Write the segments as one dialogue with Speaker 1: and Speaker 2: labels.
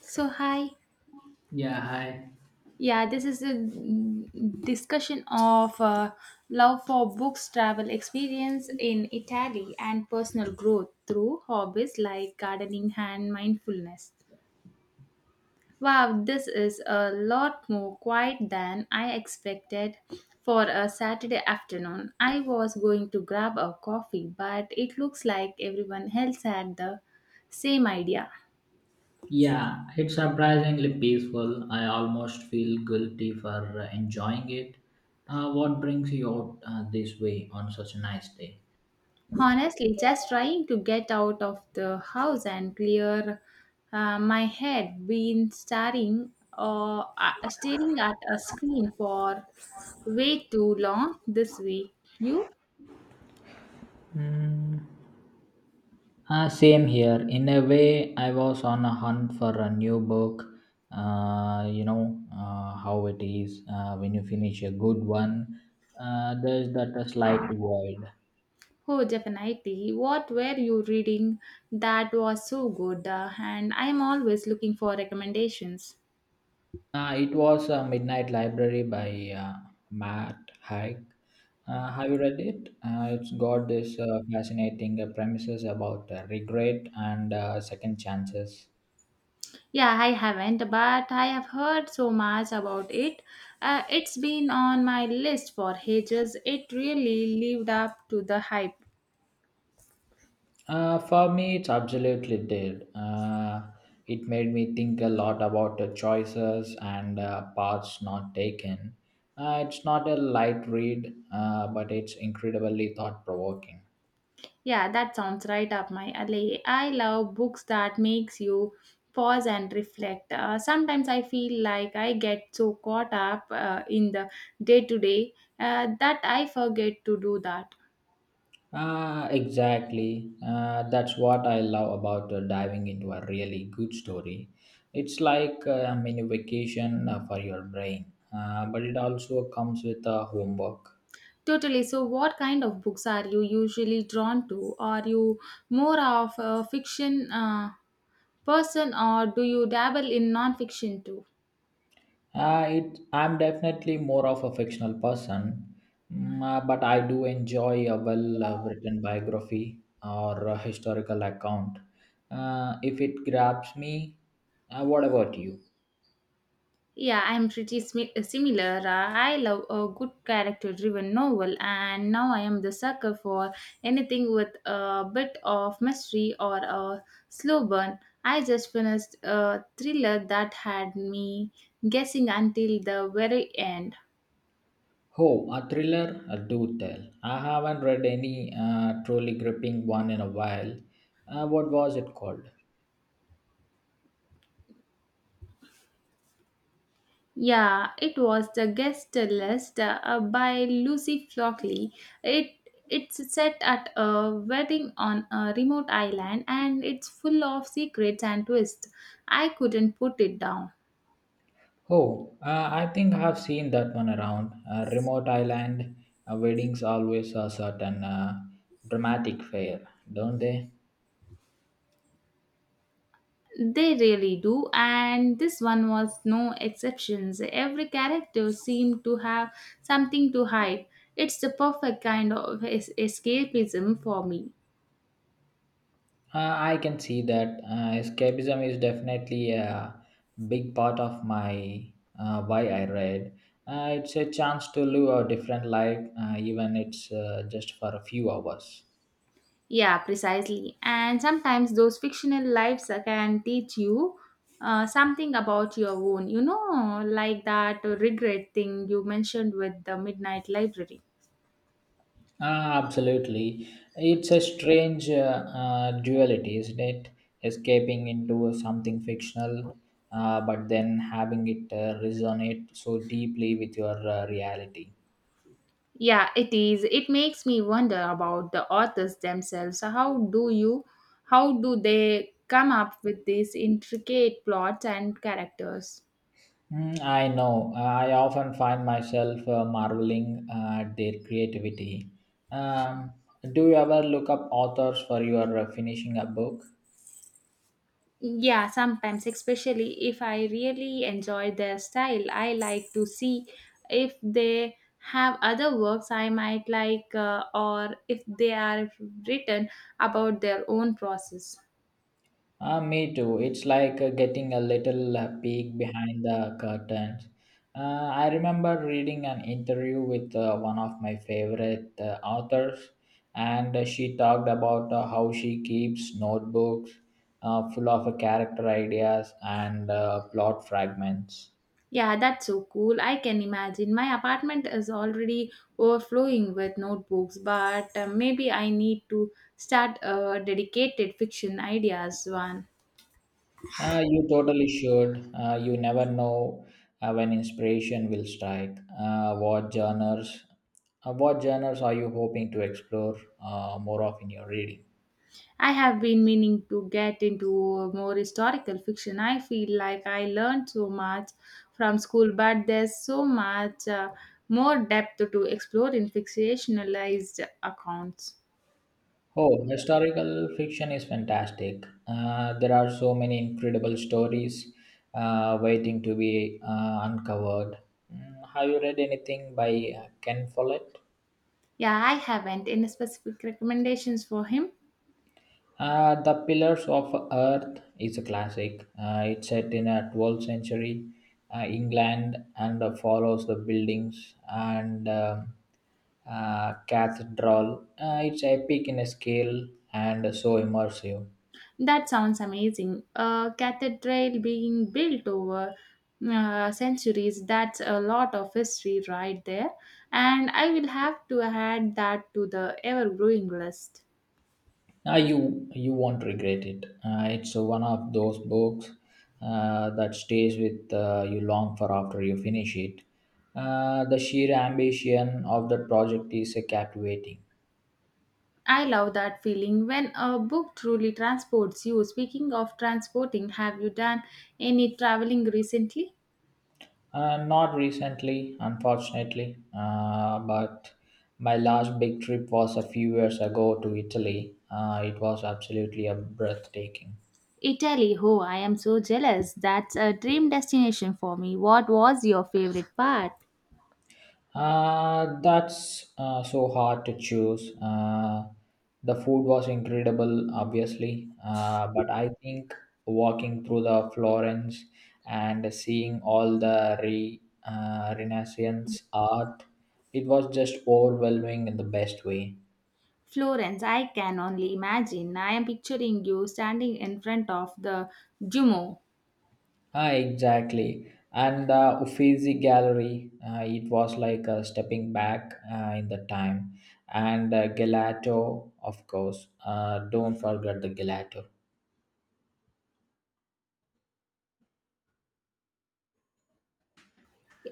Speaker 1: So hi,
Speaker 2: Yeah, hi.
Speaker 1: yeah, this is a discussion of love for books, travel experience in Italy, and personal growth through hobbies like gardening and mindfulness. Wow, this is a lot more quiet than I expected for a Saturday afternoon. I was going to grab a coffee, but it looks like everyone else had the same idea.
Speaker 2: Yeah, it's surprisingly peaceful. I almost feel guilty for enjoying it. What brings you out this way on such a nice day?
Speaker 1: Honestly, just trying to get out of the house and clear my head. Been staring at a screen for way too long this week. You?
Speaker 2: Mm. Same here. In a way, I was on a hunt for a new book. How it is when you finish a good one. There's that a slight void.
Speaker 1: Oh, definitely. What were you reading that was so good? And I'm always looking for recommendations.
Speaker 2: It was Midnight Library by Matt Haig. Have you read it? It's got this fascinating premises about regret and second chances.
Speaker 1: Yeah, I haven't, but I have heard so much about it. It's been on my list for ages. It really lived up to the hype.
Speaker 2: For me, it's absolutely did. It made me think a lot about the choices and paths not taken. It's not a light read, but it's incredibly thought provoking.
Speaker 1: Yeah, that sounds right up my alley. I love books that makes you pause and reflect. Sometimes I feel like I get so caught up in the day to day that I forget to do that.
Speaker 2: Ah, exactly. That's what I love about diving into a really good story. It's like a mini vacation for your brain, but it also comes with homework.
Speaker 1: Totally. So, what kind of books are you usually drawn to? Are you more of a fiction? Person, or do you dabble in non-fiction too?
Speaker 2: I'm definitely more of a fictional person, but I do enjoy a well written biography or a historical account. If it grabs me, what about you?
Speaker 1: Yeah, I'm pretty similar. I love a good character-driven novel, and now I am the sucker for anything with a bit of mystery or a slow burn. I just finished a thriller that had me guessing until the very end.
Speaker 2: Oh, a thriller? Do tell. I haven't read any truly gripping one in a while. What was it called?
Speaker 1: Yeah, it was the guest list by Lucy Flockley. It it's set at a wedding on a remote island, and it's full of secrets and twists. I couldn't put it down.
Speaker 2: Oh, I think I have seen that one around. Remote island weddings always a certain dramatic fare, don't they?
Speaker 1: They really do, and this one was no exceptions. Every character seemed to have something to hide. It's the perfect kind of escapism for me.
Speaker 2: I can see that escapism is definitely a big part of my why I read. It's a chance to live a different life, even it's just for a few hours.
Speaker 1: Yeah, precisely. And sometimes those fictional lives can teach you something about your own, you know, like that regret thing you mentioned with the Midnight Library.
Speaker 2: Ah, absolutely. It's a strange duality, isn't it? Escaping into something fictional, but then having it resonate so deeply with your reality.
Speaker 1: Yeah, it is. It makes me wonder about the authors themselves. How do they come up with these intricate plots and characters?
Speaker 2: Mm, I know. I often find myself marveling at their creativity. Um, do you ever look up authors for your finishing a book?
Speaker 1: Yeah, sometimes, especially if I really enjoy their style, I like to see if they have other works I might like, or if they are written about their own process.
Speaker 2: Ah, me too. It's like getting a little peek behind the curtains. I remember reading an interview with one of my favorite authors, and she talked about how she keeps notebooks full of character ideas and plot fragments.
Speaker 1: Yeah, that's so cool. I can imagine. My apartment is already overflowing with notebooks, but maybe I need to start a dedicated fiction ideas one.
Speaker 2: You totally should. You never know when inspiration will strike, What genres are you hoping to explore more of in your reading?
Speaker 1: I have been meaning to get into more historical fiction. I feel like I learned so much from school, but there's so much more depth to explore in fictionalized accounts.
Speaker 2: Oh, historical fiction is fantastic. There are so many incredible stories waiting to be uncovered. Mm, have you read anything by Ken Follett?
Speaker 1: Yeah, I haven't. Any specific recommendations for him?
Speaker 2: The Pillars of Earth is a classic. It's set in a 12th century England and follows the buildings and cathedral. It's epic in a scale and so immersive.
Speaker 1: That sounds amazing. A cathedral being built over centuries, that's a lot of history right there. And I will have to add that to the ever growing list.
Speaker 2: Now you won't regret it. It's one of those books that stays with you long for after you finish it. The sheer ambition of the project is captivating.
Speaker 1: I love that feeling when a book truly transports you. Speaking of transporting, have you done any traveling recently?
Speaker 2: Not recently, unfortunately, but my last big trip was a few years ago to Italy. It was absolutely a breathtaking.
Speaker 1: Italy, oh, I am so jealous. That's a dream destination for me. What was your favorite part?
Speaker 2: That's so hard to choose. The food was incredible, obviously, but I think walking through the Florence and seeing all the Renaissance art, it was just overwhelming in the best way.
Speaker 1: Florence, I can only imagine. I am picturing you standing in front of the Duomo.
Speaker 2: Ah, exactly. And the Uffizi Gallery, it was like stepping back in the time. And gelato, of course. Don't forget the gelato.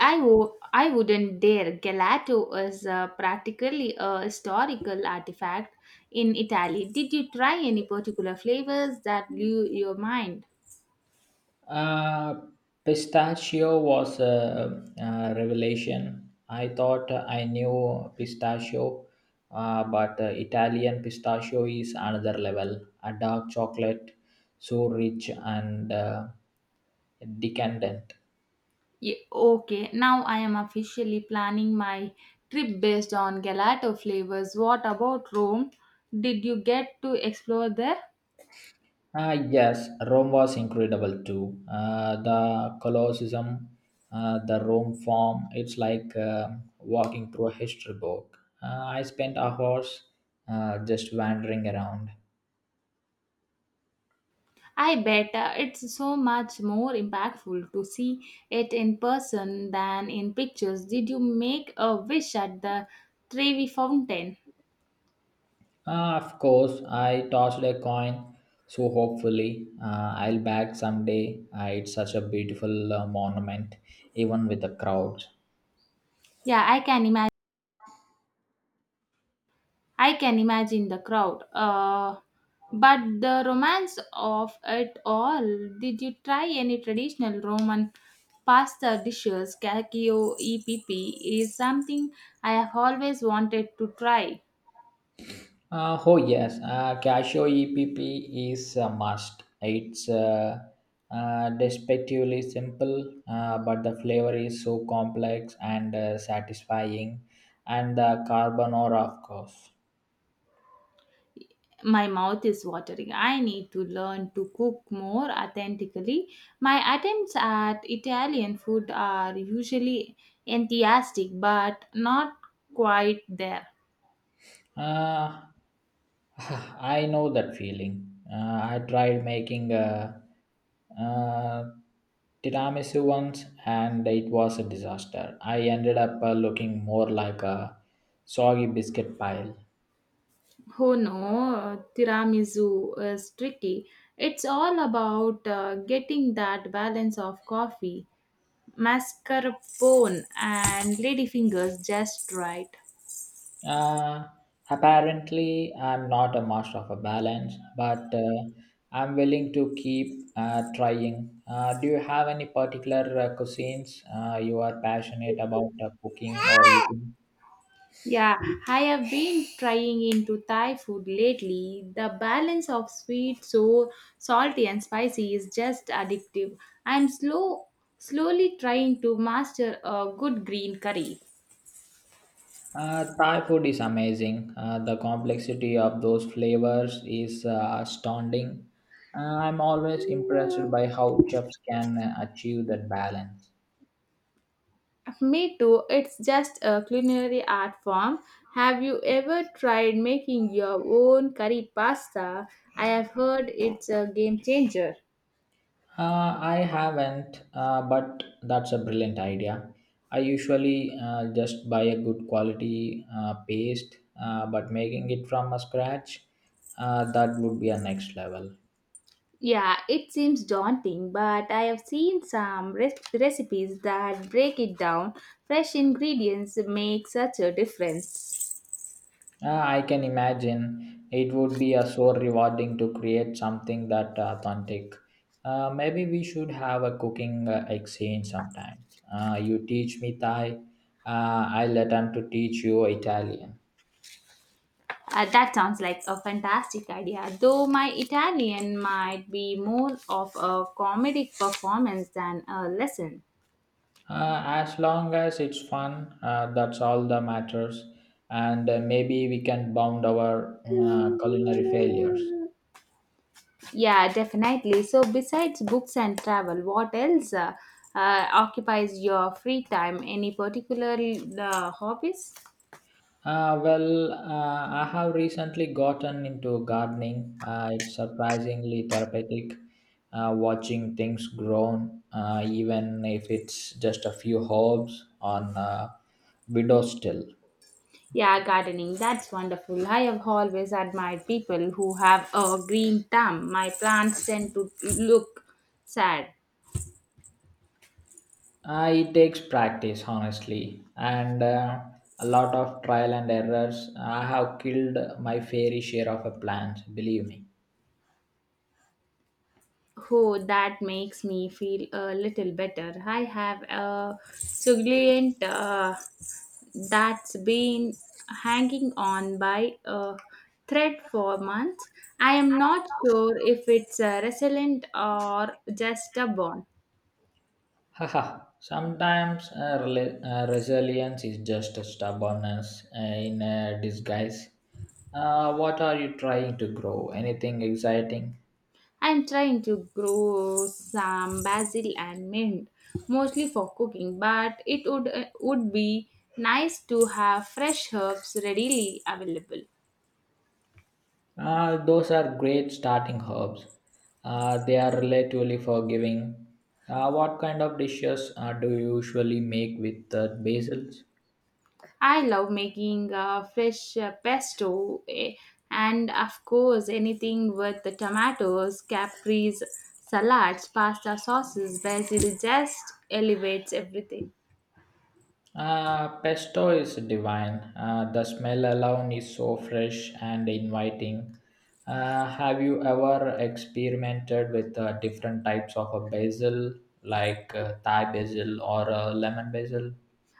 Speaker 1: I wouldn't dare. Gelato is practically a historical artifact in Italy. Did you try any particular flavors that blew your mind?
Speaker 2: Uh, Pistachio was a revelation. I thought I knew pistachio, but Italian pistachio is another level. A dark chocolate, so rich and decadent.
Speaker 1: Okay, now I am officially planning my trip based on gelato flavors. What about Rome? Did you get to explore there?
Speaker 2: Ah, yes, Rome was incredible too. The Colosseum, the Rome Forum, it's like walking through a history book. I spent hours just wandering around.
Speaker 1: I bet it's so much more impactful to see it in person than in pictures. Did you make a wish at the Trevi Fountain?
Speaker 2: Of course, I tossed a coin, so hopefully I'll back someday. It's such a beautiful monument, even with the crowd.
Speaker 1: Yeah, I can imagine. I can imagine the crowd. But the romance of it all. Did you try any traditional Roman pasta dishes? Cacio e pepe is something I have always wanted to try.
Speaker 2: Oh yes, Casio EPP is a must. It's deceptively simple, but the flavor is so complex and satisfying, and the carbonara, of course.
Speaker 1: My mouth is watering. I need to learn to cook more authentically. My attempts at Italian food are usually enthusiastic, but not quite there.
Speaker 2: Uh, I know that feeling. I tried making a, uh tiramisu once, and it was a disaster. I ended up looking more like a soggy biscuit pile.
Speaker 1: Oh no, tiramisu is tricky. It's all about getting that balance of coffee, mascarpone, and ladyfingers just right.
Speaker 2: Uh, Apparently, I'm not a master of a balance, but I'm willing to keep trying. Do you have any particular cuisines you are passionate about cooking or eating?
Speaker 1: Yeah, I have been trying into Thai food lately. The balance of sweet, sour, salty, and spicy is just addictive. I'm slow, slowly trying to master a good green curry.
Speaker 2: Thai food is amazing. The complexity of those flavors is astounding. I'm always impressed by how chefs can achieve that balance.
Speaker 1: Me too. It's just a culinary art form. Have you ever tried making your own curry pasta? I have heard it's a game changer.
Speaker 2: I haven't, but that's a brilliant idea. I usually just buy a good quality paste, but making it from a scratch, that would be a next level.
Speaker 1: Yeah, it seems daunting, but I have seen some recipes that break it down. Fresh ingredients make such a difference.
Speaker 2: I can imagine it would be a so rewarding to create something that authentic. Maybe we should have a cooking exchange sometimes. You teach me Thai, I let them to teach you Italian.
Speaker 1: That sounds like a fantastic idea, though my Italian might be more of a comedic performance than a lesson.
Speaker 2: As long as it's fun, that's all that matters. And maybe we can bound our culinary failures.
Speaker 1: Yeah, definitely. So, besides books and travel, what else occupies your free time? Any particular hobbies?
Speaker 2: Well, I have recently gotten into gardening. It's surprisingly therapeutic watching things grow, even if it's just a few herbs on a window still.
Speaker 1: Yeah, gardening. That's wonderful. I have always admired people who have a green thumb. My plants tend to look sad.
Speaker 2: It takes practice, honestly, and a lot of trial and errors. I have killed my fair share of plans, believe me.
Speaker 1: Oh, that makes me feel a little better. I have a succulent that's been hanging on by a thread for months. I am not sure if it's resilient or just a bone.
Speaker 2: Haha. Sometimes resilience is just a stubbornness in a disguise. What are you trying to grow? Anything exciting?
Speaker 1: I'm trying to grow some basil and mint, mostly for cooking, but it would be nice to have fresh herbs readily available.
Speaker 2: Those are great starting herbs. They are relatively forgiving. What kind of dishes do you usually make with basils?
Speaker 1: I love making fresh pesto, and, of course, anything with the tomatoes, capris, salads, pasta sauces, basil just elevates everything.
Speaker 2: Pesto is divine. The smell alone is so fresh and inviting. Have you ever experimented with different types of a basil, like Thai basil or lemon basil?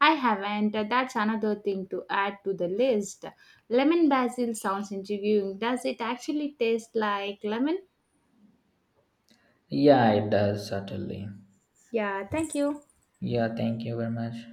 Speaker 1: I haven't. That's another thing to add to the list. Lemon basil sounds intriguing. Does it actually taste like lemon?
Speaker 2: Yeah, it does, certainly.
Speaker 1: Yeah, thank you.
Speaker 2: Yeah, thank you very much.